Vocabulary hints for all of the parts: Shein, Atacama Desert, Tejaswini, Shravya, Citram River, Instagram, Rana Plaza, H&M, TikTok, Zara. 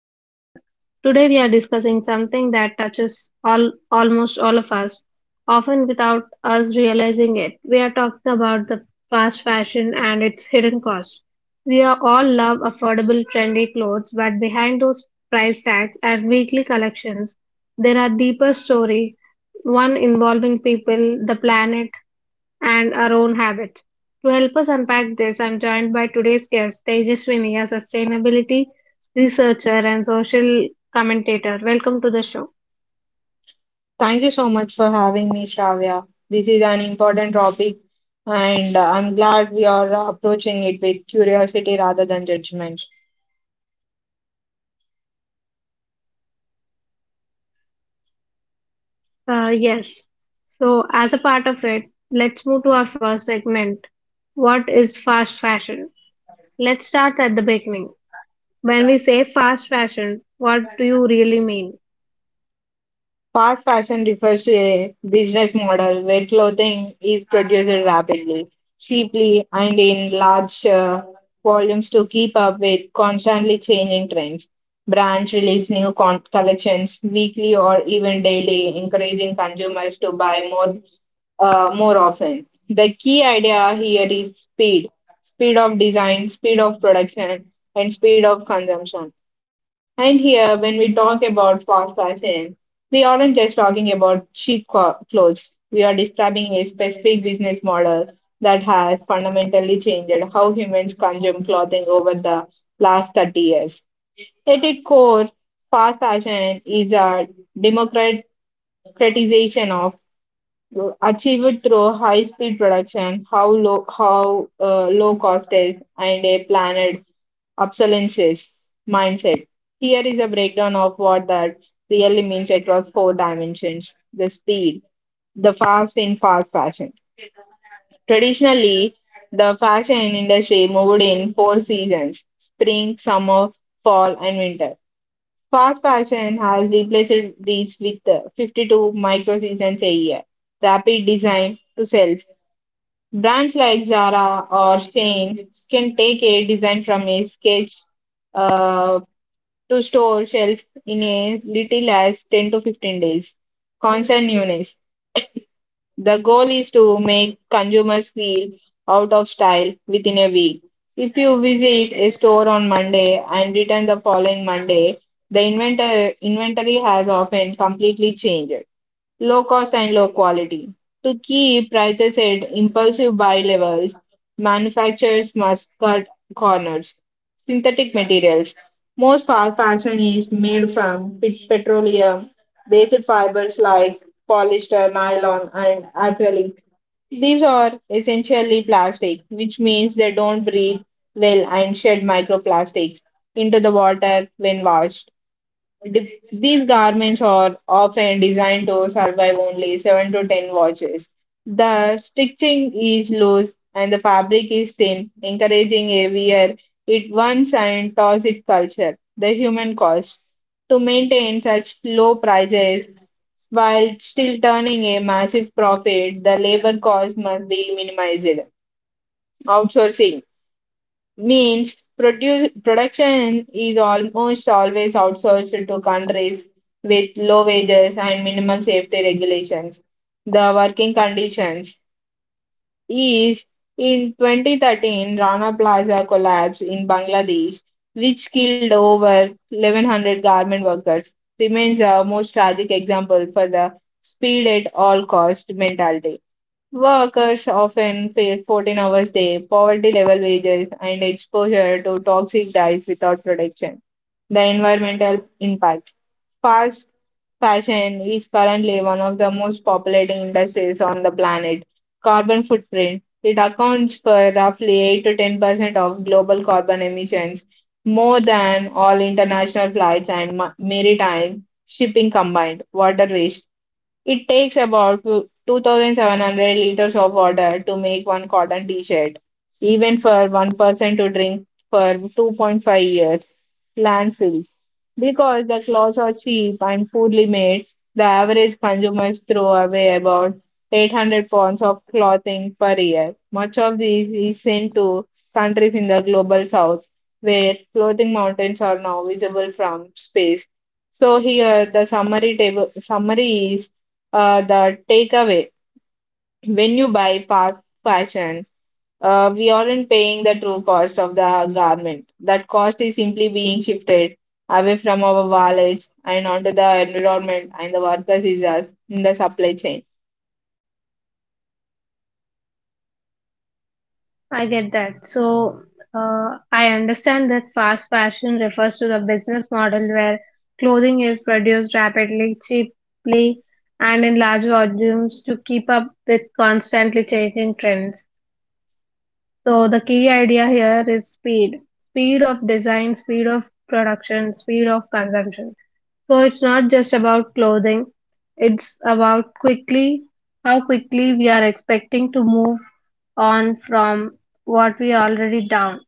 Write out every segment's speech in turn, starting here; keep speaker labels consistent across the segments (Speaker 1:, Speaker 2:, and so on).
Speaker 1: That Matter. Today, we are discussing something that touches almost all of us, often without us realizing it. We are talking about the fast fashion and its hidden cost. We are all love affordable, trendy clothes, but behind those price tags and weekly collections, there are deeper story. One involving people, the planet and our own habits. To help us unpack this, I'm joined by today's guest, Tejaswini, a sustainability researcher and social commentator. Welcome to the show.
Speaker 2: Thank you so much for having me, Shravya. This is an important topic, and I'm glad we are approaching it with curiosity rather than judgment.
Speaker 1: Yes. So, as a part of it, let's move to our first segment. What is fast fashion? Let's start at the beginning. When we say fast fashion, what do you really mean?
Speaker 2: Fast fashion refers to a business model where clothing is produced rapidly, cheaply, and in large volumes to keep up with constantly changing trends. Brands release new collections weekly or even daily, encouraging consumers to buy more more often. The key idea here is speed, speed of design, speed of production, and speed of consumption. And here, when we talk about fast fashion, we aren't just talking about cheap clothes. We are describing a specific business model that has fundamentally changed how humans consume clothing over the last 30 years. At its core, fast fashion is a democratization of achieved through high speed production, how low cost is, and a planned obsolescence mindset. Here is a breakdown of what that really means across four dimensions: the speed, the fast in fast fashion. Traditionally, the fashion industry moved in four seasons: spring, summer, fall, and winter. Fast fashion has replaced these with 52 micro seasons a year, rapid design to self. Brands like Zara or Shein can take a design from a sketch uh, to store shelf in a little as 10 to 15 days. Constant newness. The goal is to make consumers feel out of style within a week. If you visit a store on Monday and return the following Monday, the inventory has often completely changed. Low cost and low quality. To keep prices at impulsive buy levels, manufacturers must cut corners. Synthetic materials. Most fashion is made from petroleum based fibers like polyester, nylon, and acrylic. These are essentially plastic, which means they don't breathe well and shed microplastics into the water when washed. These garments are often designed to survive only 7 to 10 washes. The stitching is loose and the fabric is thin, encouraging a wear it once and toss it culture. The human cost, to maintain such low prices while still turning a massive profit, the labor cost must be minimized. Outsourcing means production is almost always outsourced to countries with low wages and minimal safety regulations. The working conditions is, in 2013 Rana Plaza collapse in Bangladesh, which killed over 1,100 garment workers, remains a most tragic example for the speed at all cost mentality. Workers often face 14 hours day, poverty level wages, and exposure to toxic dyes without protection. The environmental impact. Fast fashion is currently one of the most populating industries on the planet. Carbon footprint. It accounts for roughly 8 to 10% of global carbon emissions, more than all international flights and maritime shipping combined. Water waste. It takes about 2,700 liters of water to make one cotton t-shirt. Even for one person to drink for 2.5 years. Landfills. Because the clothes are cheap and poorly made, the average consumers throw away about 800 pounds of clothing per year. Much of this is sent to countries in the global south, where clothing mountains are now visible from space. So here the summary table summary is the takeaway, when you buy fast fashion, we aren't paying the true cost of the garment. That cost is simply being shifted away from our wallets and onto the environment and the workers is us in the supply chain.
Speaker 1: I get that. So, I understand that fast fashion refers to the business model where clothing is produced rapidly, cheaply, and in large volumes to keep up with constantly changing trends. So, the key idea here is speed, of design, speed of production, speed of consumption. So it's not just about clothing, it's about quickly how quickly we are expecting to move on from what we are already down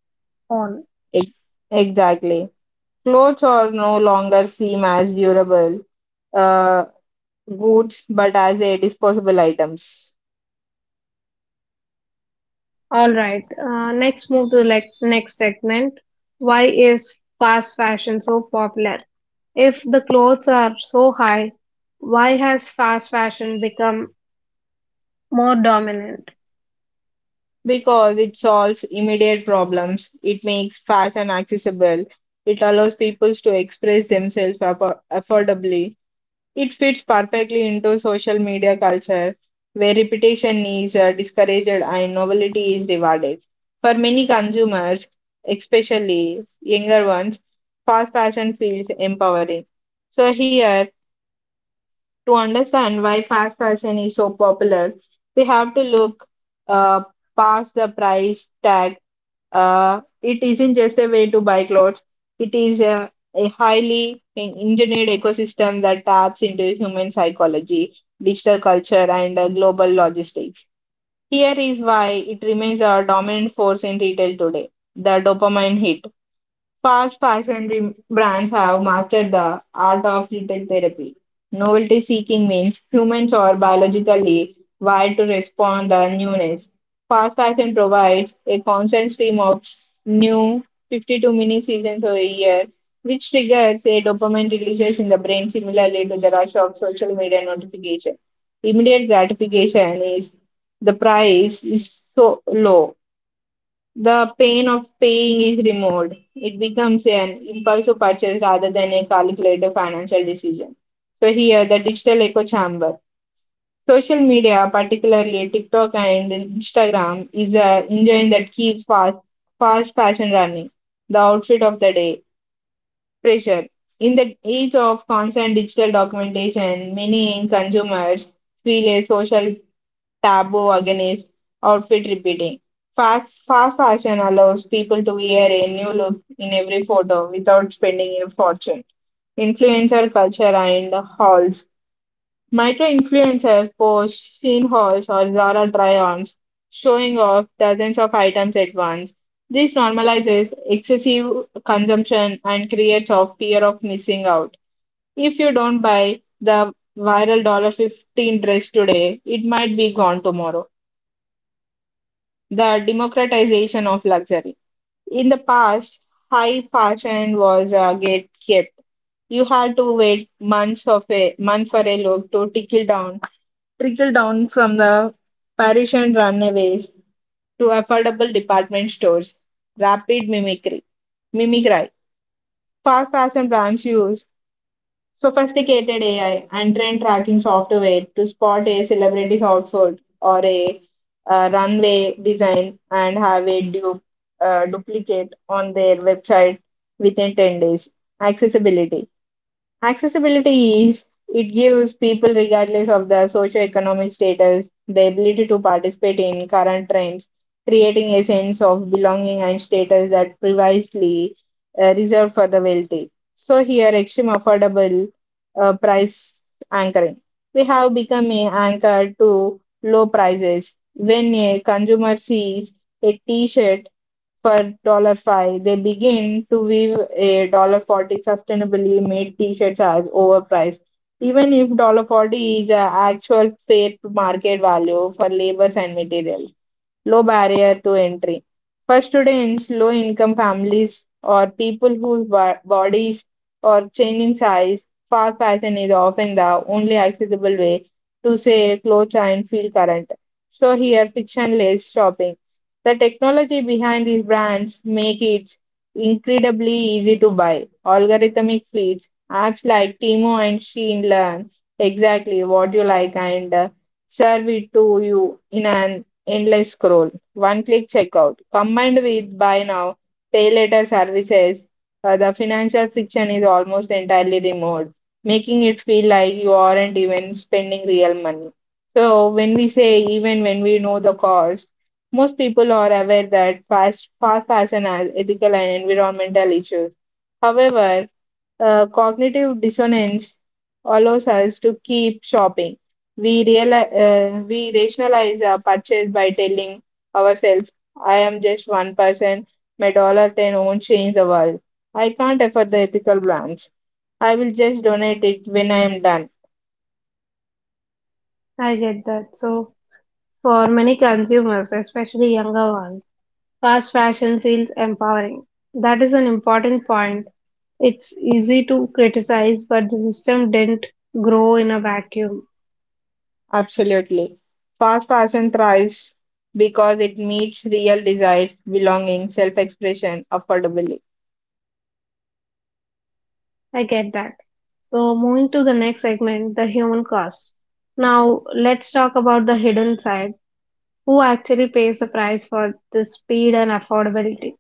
Speaker 1: on.
Speaker 2: Ex- Exactly. Clothes are no longer seen as durable uh, goods, but as a disposable items.
Speaker 1: All right, next move to the next segment. Why is fast fashion so popular? If the clothes are so high, why has fast fashion become more dominant?
Speaker 2: Because it solves immediate problems, it makes fashion accessible, it allows people to express themselves affordably. It fits perfectly into social media culture where repetition is discouraged and novelty is rewarded. For many consumers, especially younger ones, fast fashion feels empowering. So, here, to understand why fast fashion is so popular, we have to look uh, past the price tag. It isn't just a way to buy clothes, it is a highly engineered ecosystem that taps into human psychology, digital culture, and global logistics. Here is why it remains a dominant force in retail today, the dopamine hit. Fast fashion brands have mastered the art of retail therapy. Novelty seeking means humans are biologically wired to respond to newness. Fast fashion provides a constant stream of new, 52 mini seasons a year, which triggers a dopamine releases in the brain similarly to the rush of social media notification. Immediate gratification is the price is so low the pain of paying is removed. It becomes an impulsive purchase rather than a calculated financial decision. So, here the digital echo chamber. Social media, particularly TikTok and Instagram, is a engine that keeps fast fashion running. The outfit of the day, pressure. In the age of constant digital documentation, many consumers feel a social taboo against outfit repeating. Fast fashion allows people to wear a new look in every photo without spending a fortune. Influencer culture and hauls. Micro influencers post scene hauls or Zara try-ons, showing off dozens of items at once. This normalizes excessive consumption and creates a fear of missing out. If you don't buy the viral dollar 15 dress today, it might be gone tomorrow, the democratization of luxury. In the past, high fashion was get kept. You had to wait months of a month for a look to trickle down from the Parisian runaways to affordable department stores. Rapid mimicry, mimicry. Fast fashion brands use sophisticated AI and trend tracking software to spot a celebrity's outfit or a runway design and have a duplicate on their website within 10 days. Accessibility. Accessibility is it gives people, regardless of their socioeconomic status, the ability to participate in current trends, creating a sense of belonging and status that previously reserved for the wealthy. So, here, extreme affordable price anchoring. We have become a anchor to low prices. When a consumer sees a t shirt for 5, they begin to weave a 40 sustainably made t-shirts as overpriced. Even if 40 is the actual fair market value for labor and material, low barrier to entry. First, students, low income families or people whose bodies are changing size, fast fashion is often the only accessible way to say clothes and feel current. So here, frictionless shopping. The technology behind these brands make it incredibly easy to buy. Algorithmic feeds, apps like Timo and Shein learn exactly what you like and serve it to you in an endless scroll, one click checkout, combined with buy now, pay later services, the financial friction is almost entirely removed, making it feel like you aren't even spending real money. So, when we say, even when we know the cost, most people are aware that fast fashion has ethical and environmental issues. However, cognitive dissonance allows us to keep shopping. We realize, we rationalize our purchase by telling ourselves, "I am just one person. My dollar ten won't change the world. I can't afford the ethical brands. I will just donate it when I am done."
Speaker 1: I get that. So for many consumers, especially younger ones. Fast fashion feels empowering. That is an important point. It's easy to criticize, but the system didn't grow in a vacuum.
Speaker 2: Absolutely, fast fashion thrives because it meets real desires, belonging, self-expression, affordability.
Speaker 1: I get that. So, moving to the next segment, the human cost. Now, let's talk about the hidden side. Who actually pays the price for the speed and affordability?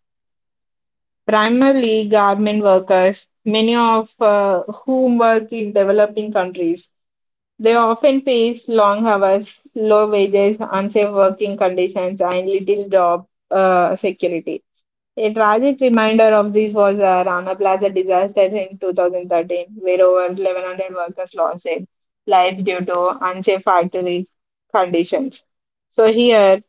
Speaker 2: Primarily garment workers, many of whom work in developing countries. They often face long hours, low wages, unsafe working conditions, and little job security. A tragic reminder of this was the Rana Plaza disaster in 2013, where over 1,100 workers lost their lives due to unsafe factory conditions. So here,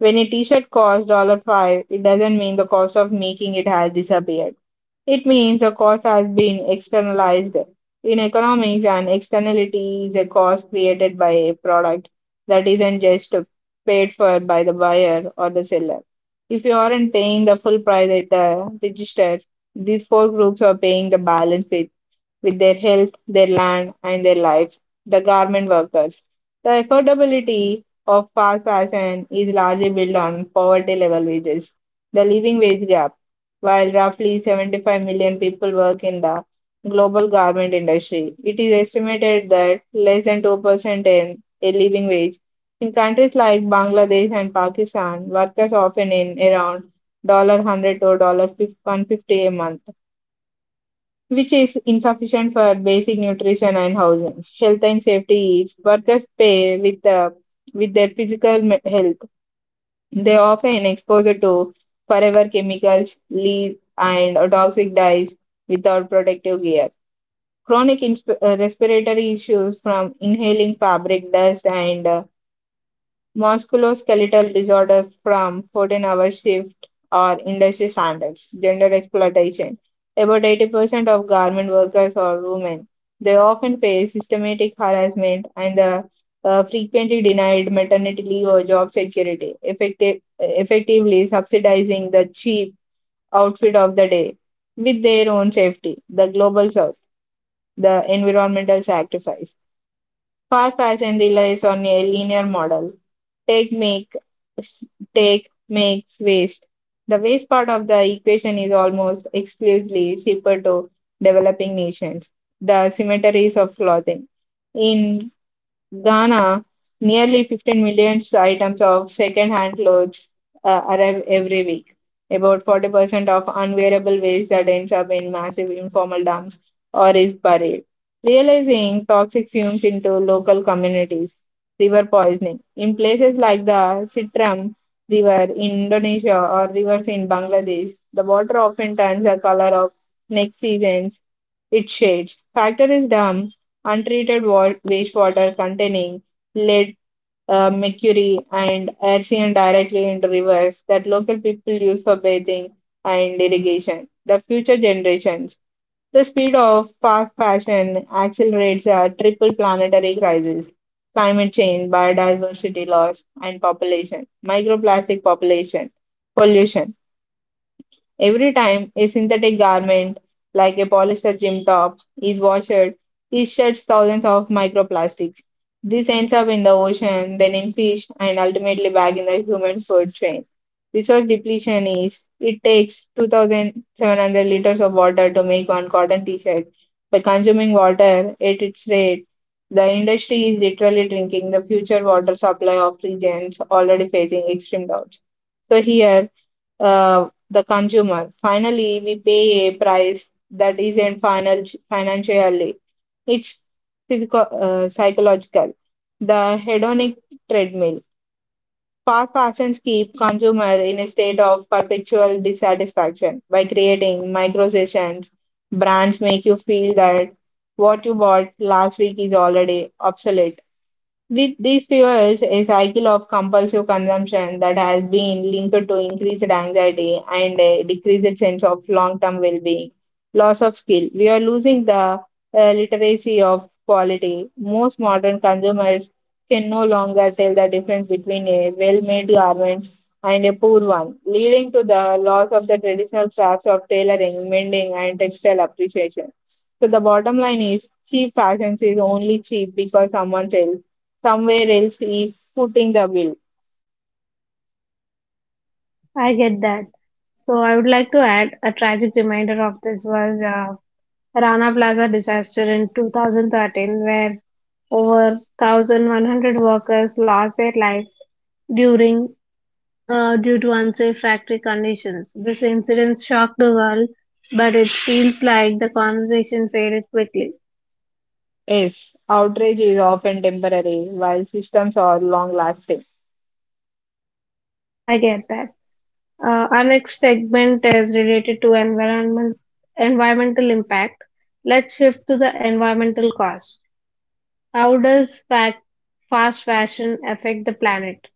Speaker 2: when a T-shirt costs 5, it doesn't mean the cost of making it has disappeared. It means a cost has been externalized. In economics, an externality is a cost created by a product that isn't just paid for by the buyer or the seller. If you aren't paying the full price at the register, these four groups are paying the balance with their health, their land, and their lives, the garment workers. The affordability of fast fashion is largely built on poverty level wages, the living wage gap. While roughly 75 million people work in the global garment industry, it is estimated that less than 2% earn a living wage. In countries like Bangladesh and Pakistan, workers often earn around $100 to $150 a month, which is insufficient for basic nutrition and housing. Health and safety is workers pay with the with their physical health. They often exposed to forever chemicals, lead, and toxic dyes without protective gear. Chronic respiratory issues from inhaling fabric dust and musculoskeletal disorders from 14-hour shift or industry standards. Gender exploitation. About 80% of garment workers are women. They often face systematic harassment and are frequently denied maternity leave or job security, effectively subsidizing the cheap outfit of the day with their own safety. The Global South, the environmental sacrifice. Fast fashion relies on a linear model, take make s- take makes waste. The waste part of the equation is almost exclusively shipped to developing nations. The cemeteries of clothing. In Ghana, nearly 15 million items of second-hand clothes arrive every week. About 40% of unwearable waste that ends up in massive informal dumps or is buried. Realizing toxic fumes into local communities, river poisoning. In places like the Citram River in Indonesia or rivers in Bangladesh, the water often turns the color of next season's its shades. Factories dump untreated wastewater containing lead, mercury, and arsenic directly into rivers that local people use for bathing and irrigation. The future generations. The speed of fast fashion accelerates a triple planetary crisis, climate change, biodiversity loss, and population, microplastic population, pollution. Every time a synthetic garment, like a polyester gym top, is washed, it sheds thousands of microplastics. This ends up in the ocean, then in fish, and ultimately back in the human food chain. Resource depletion is it takes 2,700 liters of water to make one cotton t shirt. By consuming water at its rate, the industry is literally drinking the future water supply of regions already facing extreme droughts. So here, the consumer. Finally, we pay a price that isn't final, financially, it's physical, psychological. The hedonic treadmill. Fast fashions keep consumer in a state of perpetual dissatisfaction by creating micro sessions. Brands make you feel that what you bought last week is already obsolete with these fuels, a cycle of compulsive consumption that has been linked to increased anxiety and a decreased sense of long term well being, loss of skill. We are losing the literacy of quality. Most modern consumers can no longer tell the difference between a well made garment and a poor one, leading to the loss of the traditional crafts of tailoring, mending, and textile appreciation. So, the bottom line is cheap fashion is only cheap because someone else somewhere else is footing the bill.
Speaker 1: I get that. So, I would like to add a tragic reminder of this was Rana Plaza disaster in 2013, where over 1,100 workers lost their lives during due to unsafe factory conditions. This incident shocked the world, but it feels like the conversation faded quickly.
Speaker 2: Yes, outrage is often temporary, while systems are long lasting.
Speaker 1: I get that. Our next segment is related to environmental impact. Let's shift to the environmental cost. How does fac fast fashion affect the planet?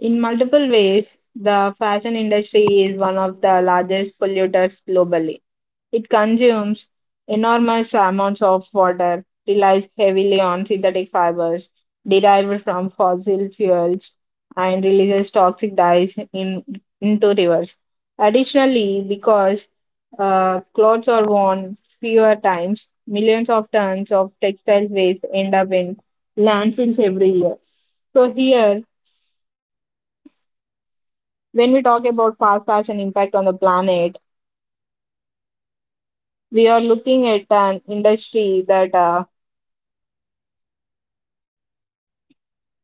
Speaker 2: In multiple ways, the fashion industry is one of the largest polluters globally. It consumes enormous amounts of water, relies heavily on synthetic fibers derived from fossil fuels, and releases toxic dyes into rivers. Additionally, because clothes are worn fewer times, millions of tons of textile waste end up in landfills every year. So, here, when we talk about fast fashion impact on the planet, we are looking at an industry that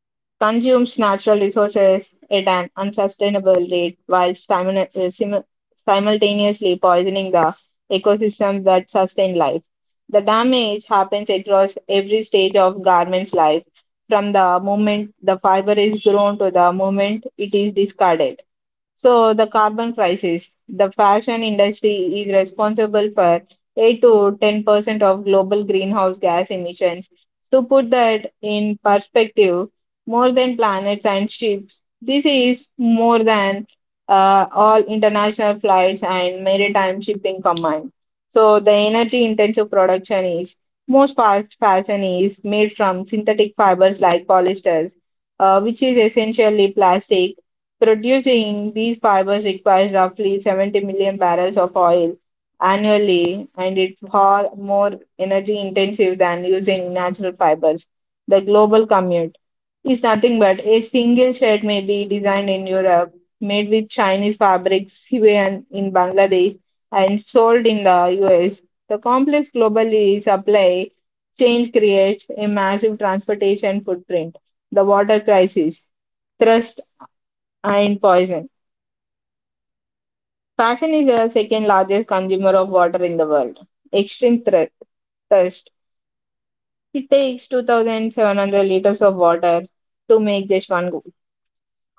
Speaker 2: consumes natural resources at an unsustainable rate while simultaneously poisoning the ecosystems that sustain life. The damage happens across every stage of garment's life, from the moment the fiber is grown to the moment it is discarded. So, the carbon crisis. The fashion industry is responsible for 8 to 10% of global greenhouse gas emissions. To put that in perspective, more than planets and ships, this is more than all international flights and maritime shipping combined. So, the energy intensive production is most fast fashion is made from synthetic fibers like polyesters, which is essentially plastic. Producing these fibers requires roughly 70 million barrels of oil annually, and it's far more energy intensive than using natural fibers. The global commute is nothing but a single shirt may be designed in Europe, made with Chinese fabrics, woven in Bangladesh, and sold in the US. The complex global supply chain creates a massive transportation footprint. The water crisis, thrust and poison. Fashion is the second largest consumer of water in the world. Extreme thirst. It takes 2,700 liters of water to make just one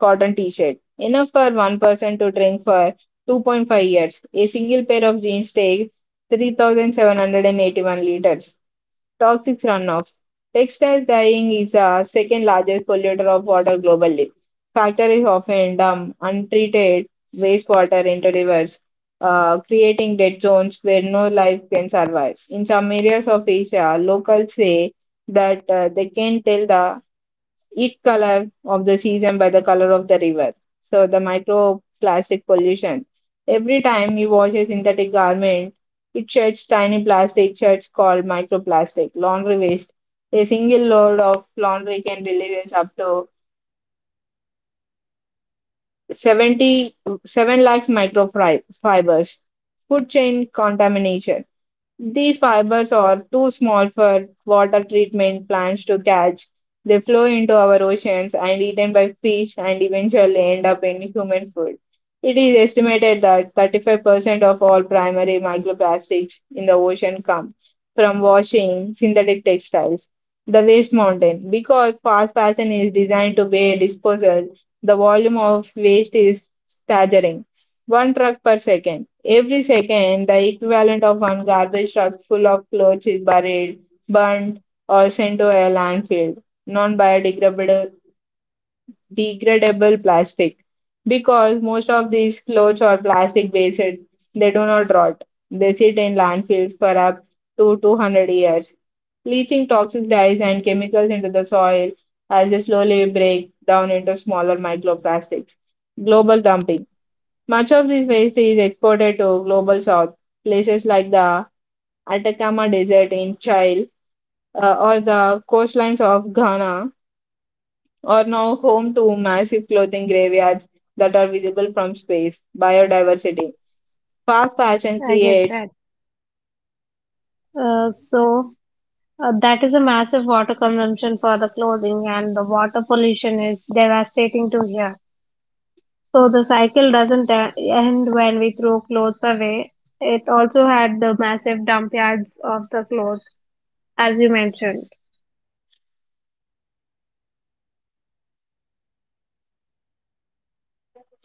Speaker 2: cotton t shirt, enough for one person to drink for 2.5 years. A single pair of jeans takes 3,781 liters. Toxic runoff. Textiles dyeing is the second largest polluter of water globally. Factories often dump untreated wastewater into rivers, creating dead zones where no life can survive. In some areas of Asia, locals say that they can't tell the each color of the season by the color of the river. So the microplastic pollution. Every time you wash a synthetic garment, it sheds tiny plastic sheds called microplastic. Laundry waste. A single load of laundry can release up to 77 lakhs microfibers. Food chain contamination. These fibers are too small for water treatment plants to catch. They flow into our oceans and eaten by fish and eventually end up in human food. It is estimated that 35% of all primary microplastics in the ocean come from washing synthetic textiles. The waste mountain. Because fast fashion is designed to be disposal, the volume of waste is staggering. One truck per second. Every second, the equivalent of one garbage truck full of clothes is buried, burnt, or sent to a landfill. Non biodegradable degradable plastic. Because most of these clothes are plastic based, they do not rot. They sit in landfills for up to 200 years, leaching toxic dyes and chemicals into the soil as they slowly break down into smaller microplastics. Global dumping. Much of this waste is exported to global south, places like the Atacama Desert in Chile or the coastlines of Ghana are now home to massive clothing graveyards that are visible from space. Biodiversity. Fast fashion
Speaker 1: I get
Speaker 2: creates
Speaker 1: that. So that is a massive water consumption for the clothing, and the water pollution is devastating to here. So the cycle doesn't end when we throw clothes away. It also had the massive dump yards of the clothes, as you mentioned.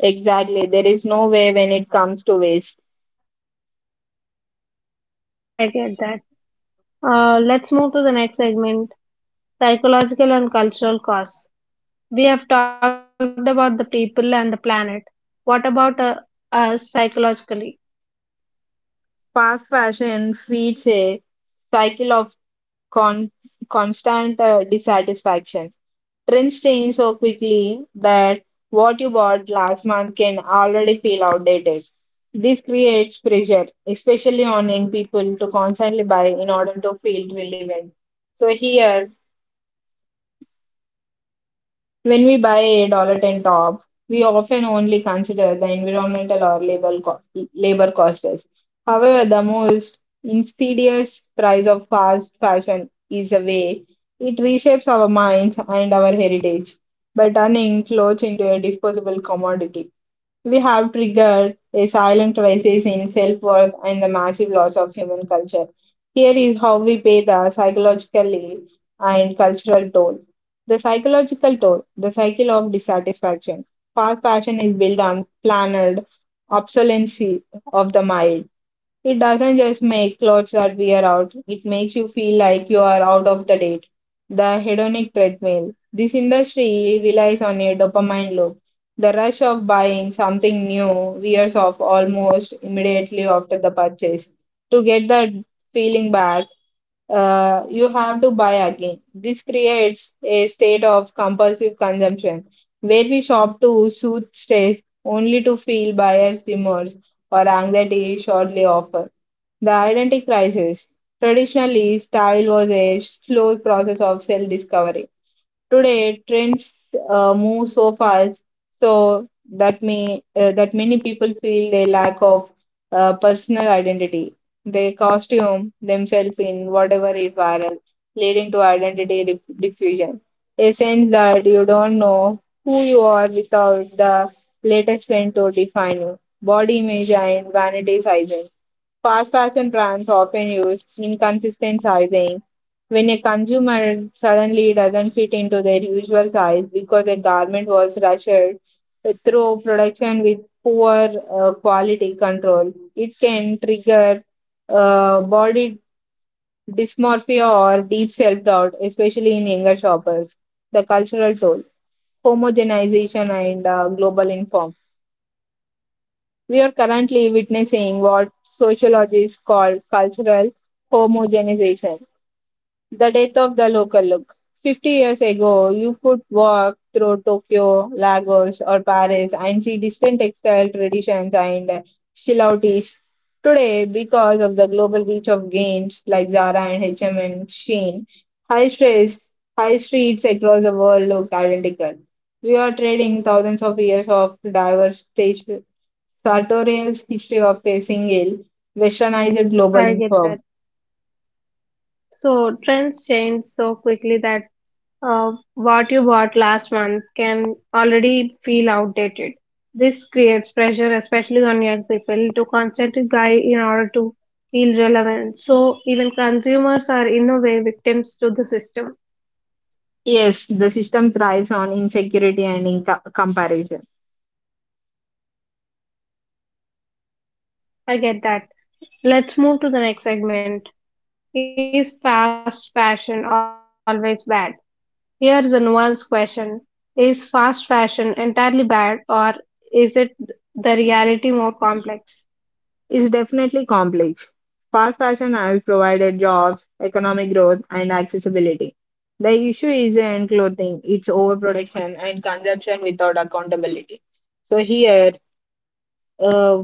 Speaker 2: exactly there is no way when it comes to waste.
Speaker 1: I get that. Let's move to the next segment, psychological and cultural costs. We have talked about the people and the planet. What about us psychologically?
Speaker 2: Fast fashion feeds a cycle of con- constant dissatisfaction. Trends change so quickly that what you bought last month can already feel outdated. This creates pressure, especially on young people, to constantly buy in order to feel relevant. So, here when we buy a dollar ten top, we often only consider the environmental or labor costs. However, the most insidious price of fast fashion is the way it reshapes our minds and our heritage by turning clothes into a disposable commodity. We have triggered a silent crisis in self worth and the massive loss of human culture. Here is how we pay the psychologically and cultural toll. The psychological toll, the cycle of dissatisfaction. Fast fashion is built on planned obsolescence of the mind. It doesn't just make clothes that wear out, it makes you feel like you are out of the date. The hedonic treadmill. This industry relies on a dopamine loop. The rush of buying something new wears off almost immediately after the purchase. To get that feeling back, you have to buy again. This creates a state of compulsive consumption where we shop to soothe stress only to feel buyer's remorse or anxiety shortly off. The identity crisis. Traditionally, style was a slow process of self discovery. Today, trends move so fast, so that may that many people feel a lack of personal identity. They costume themselves in whatever is viral, leading to identity diffusion. A sense that you don't know who you are without the latest trend to define you. Body image and vanity sizing. Fast fashion brands often use inconsistent sizing. When a consumer suddenly doesn't fit into their usual size because a garment was rushed through production with poor quality control, it can trigger body dysmorphia or deep self doubt, especially in younger shoppers. The cultural toll, homogenization, and global inform. We are currently witnessing what sociologists call cultural homogenization, the death of the local look. 50 years ago, you could walk through Tokyo, Lagos, or Paris and see distinct textile traditions and silhouettes. Today, because of the global reach of games like Zara and H&M and M and Shein, high stress, high streets across the world look identical. We are trading thousands of years of diverse taste, Sartorial's history of facing ill, westernized global
Speaker 1: I get that.
Speaker 2: inform.
Speaker 1: So trends change so quickly that what you bought last month can already feel outdated. This creates pressure, especially on young people, to constantly buy in order to feel relevant. So even consumers are in a way victims to the system.
Speaker 2: Yes, the system thrives on insecurity and in comparison.
Speaker 1: I get that. Let's move to the next segment. Is fast fashion always bad? Here is a nuanced question. Is fast fashion entirely bad or is it the reality more complex?
Speaker 2: It's definitely complex. Fast fashion has provided jobs, economic growth, and accessibility. The issue isn't clothing, it's overproduction and consumption without accountability. So, here uh,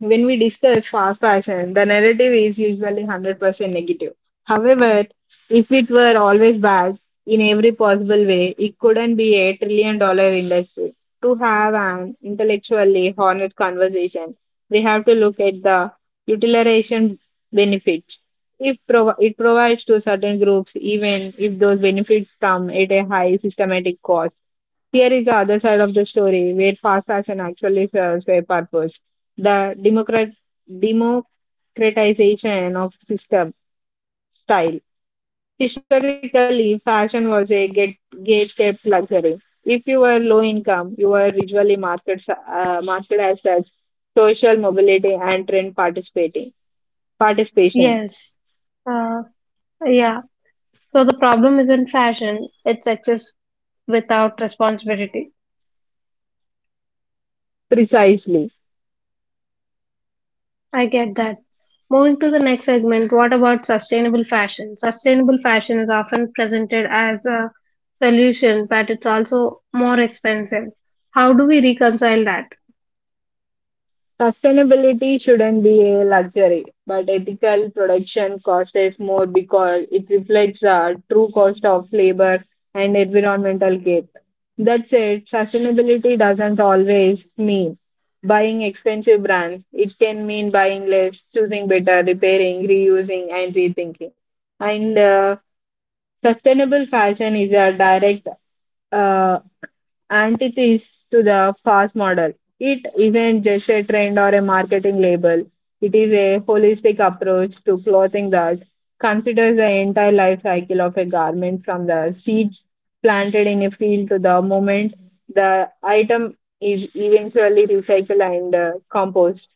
Speaker 2: when we discuss fast fashion, the narrative is usually 100% negative. However, if it were always bad in every possible way, it couldn't be a $1 trillion industry. To have an intellectually honest conversation, we have to look at the utilitarian benefits. If prov- it provides to certain groups, even if those benefits come at a high systematic cost. Here is the other side of the story where fast fashion actually serves a purpose. The democratization of system style. Historically, fashion was a gate kept luxury. If you were low income, you were visually marketed as such social mobility and trend participating
Speaker 1: Yes.
Speaker 2: participation
Speaker 1: Uh, yeah. So the problem isn't fashion, it's excess without responsibility.
Speaker 2: precisely.
Speaker 1: I get that. Moving to the next segment, what about sustainable fashion? Sustainable fashion is often presented as a solution, but it's also more expensive. How do we reconcile that?
Speaker 2: Sustainability shouldn't be a luxury, but ethical production cost is more because it reflects the true cost of labor and environmental gain. That said, sustainability doesn't always mean buying expensive brands. It can mean buying less, choosing better, repairing, reusing, and rethinking. And sustainable fashion is a direct uh, antithesis to the fast model. It isn't just a trend or a marketing label, it is a holistic approach to clothing that considers the entire life cycle of a garment from the seeds planted in a field to the moment the item is eventually recycled and composed.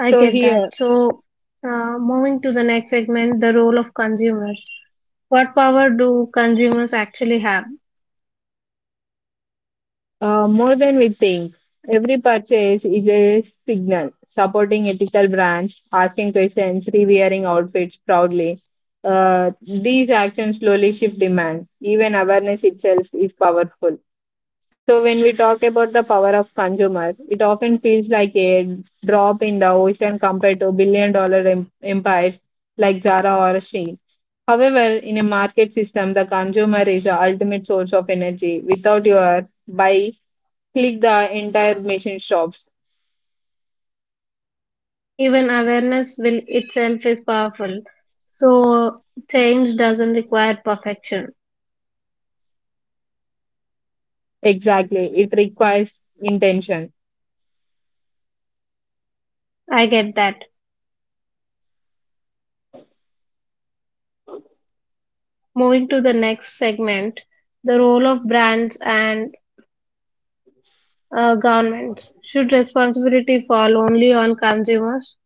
Speaker 1: I
Speaker 2: So,
Speaker 1: get that.
Speaker 2: here
Speaker 1: So, moving to the next segment, the role of consumers. What power do consumers actually have?
Speaker 2: More than we think, every purchase is a signal supporting ethical brands, asking questions, re-wearing outfits proudly. These actions slowly shift demand. Even awareness itself is powerful. So, when we talk about the power of consumer, it often feels like a drop in the ocean compared to billion-dollar empires like Zara or Shein. However, in a market system, the consumer is the ultimate source of energy. Without your buy click the entire machine shops.
Speaker 1: Even awareness will itself is powerful. So change doesn't require perfection.
Speaker 2: Exactly. It requires intention.
Speaker 1: I get that. Moving to the next segment, the role of brands and governments. Should responsibility fall only on consumers?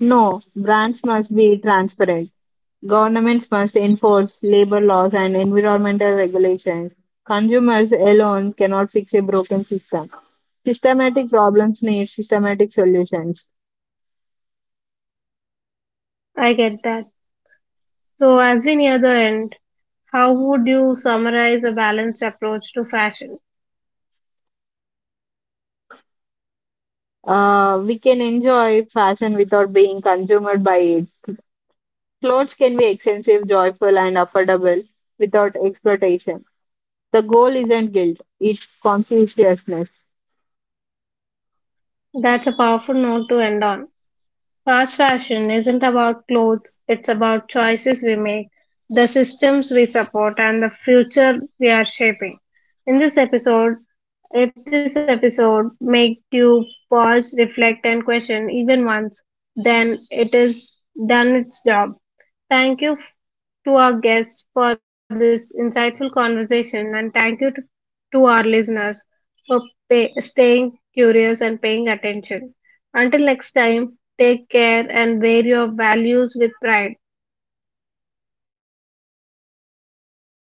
Speaker 2: No, brands must be transparent. Governments must enforce labor laws and environmental regulations. Consumers alone cannot fix a broken system. Systematic problems need systematic solutions.
Speaker 1: I get that. So as we near the end, how would you summarize a balanced approach to fashion?
Speaker 2: We can enjoy fashion without being consumed by it. Clothes can be expensive, joyful, and affordable without exploitation. The goal isn't guilt, it's conscientiousness.
Speaker 1: That's a powerful note to end on. Fast fashion isn't about clothes, it's about choices we make, the systems we support, and the future we are shaping. In this episode, if this episode made you pause, reflect, and question even once, then it is done its job. Thank you to our guests for this insightful conversation, and thank you to our listeners for staying curious and paying attention. Until next time, take care and wear your values with pride.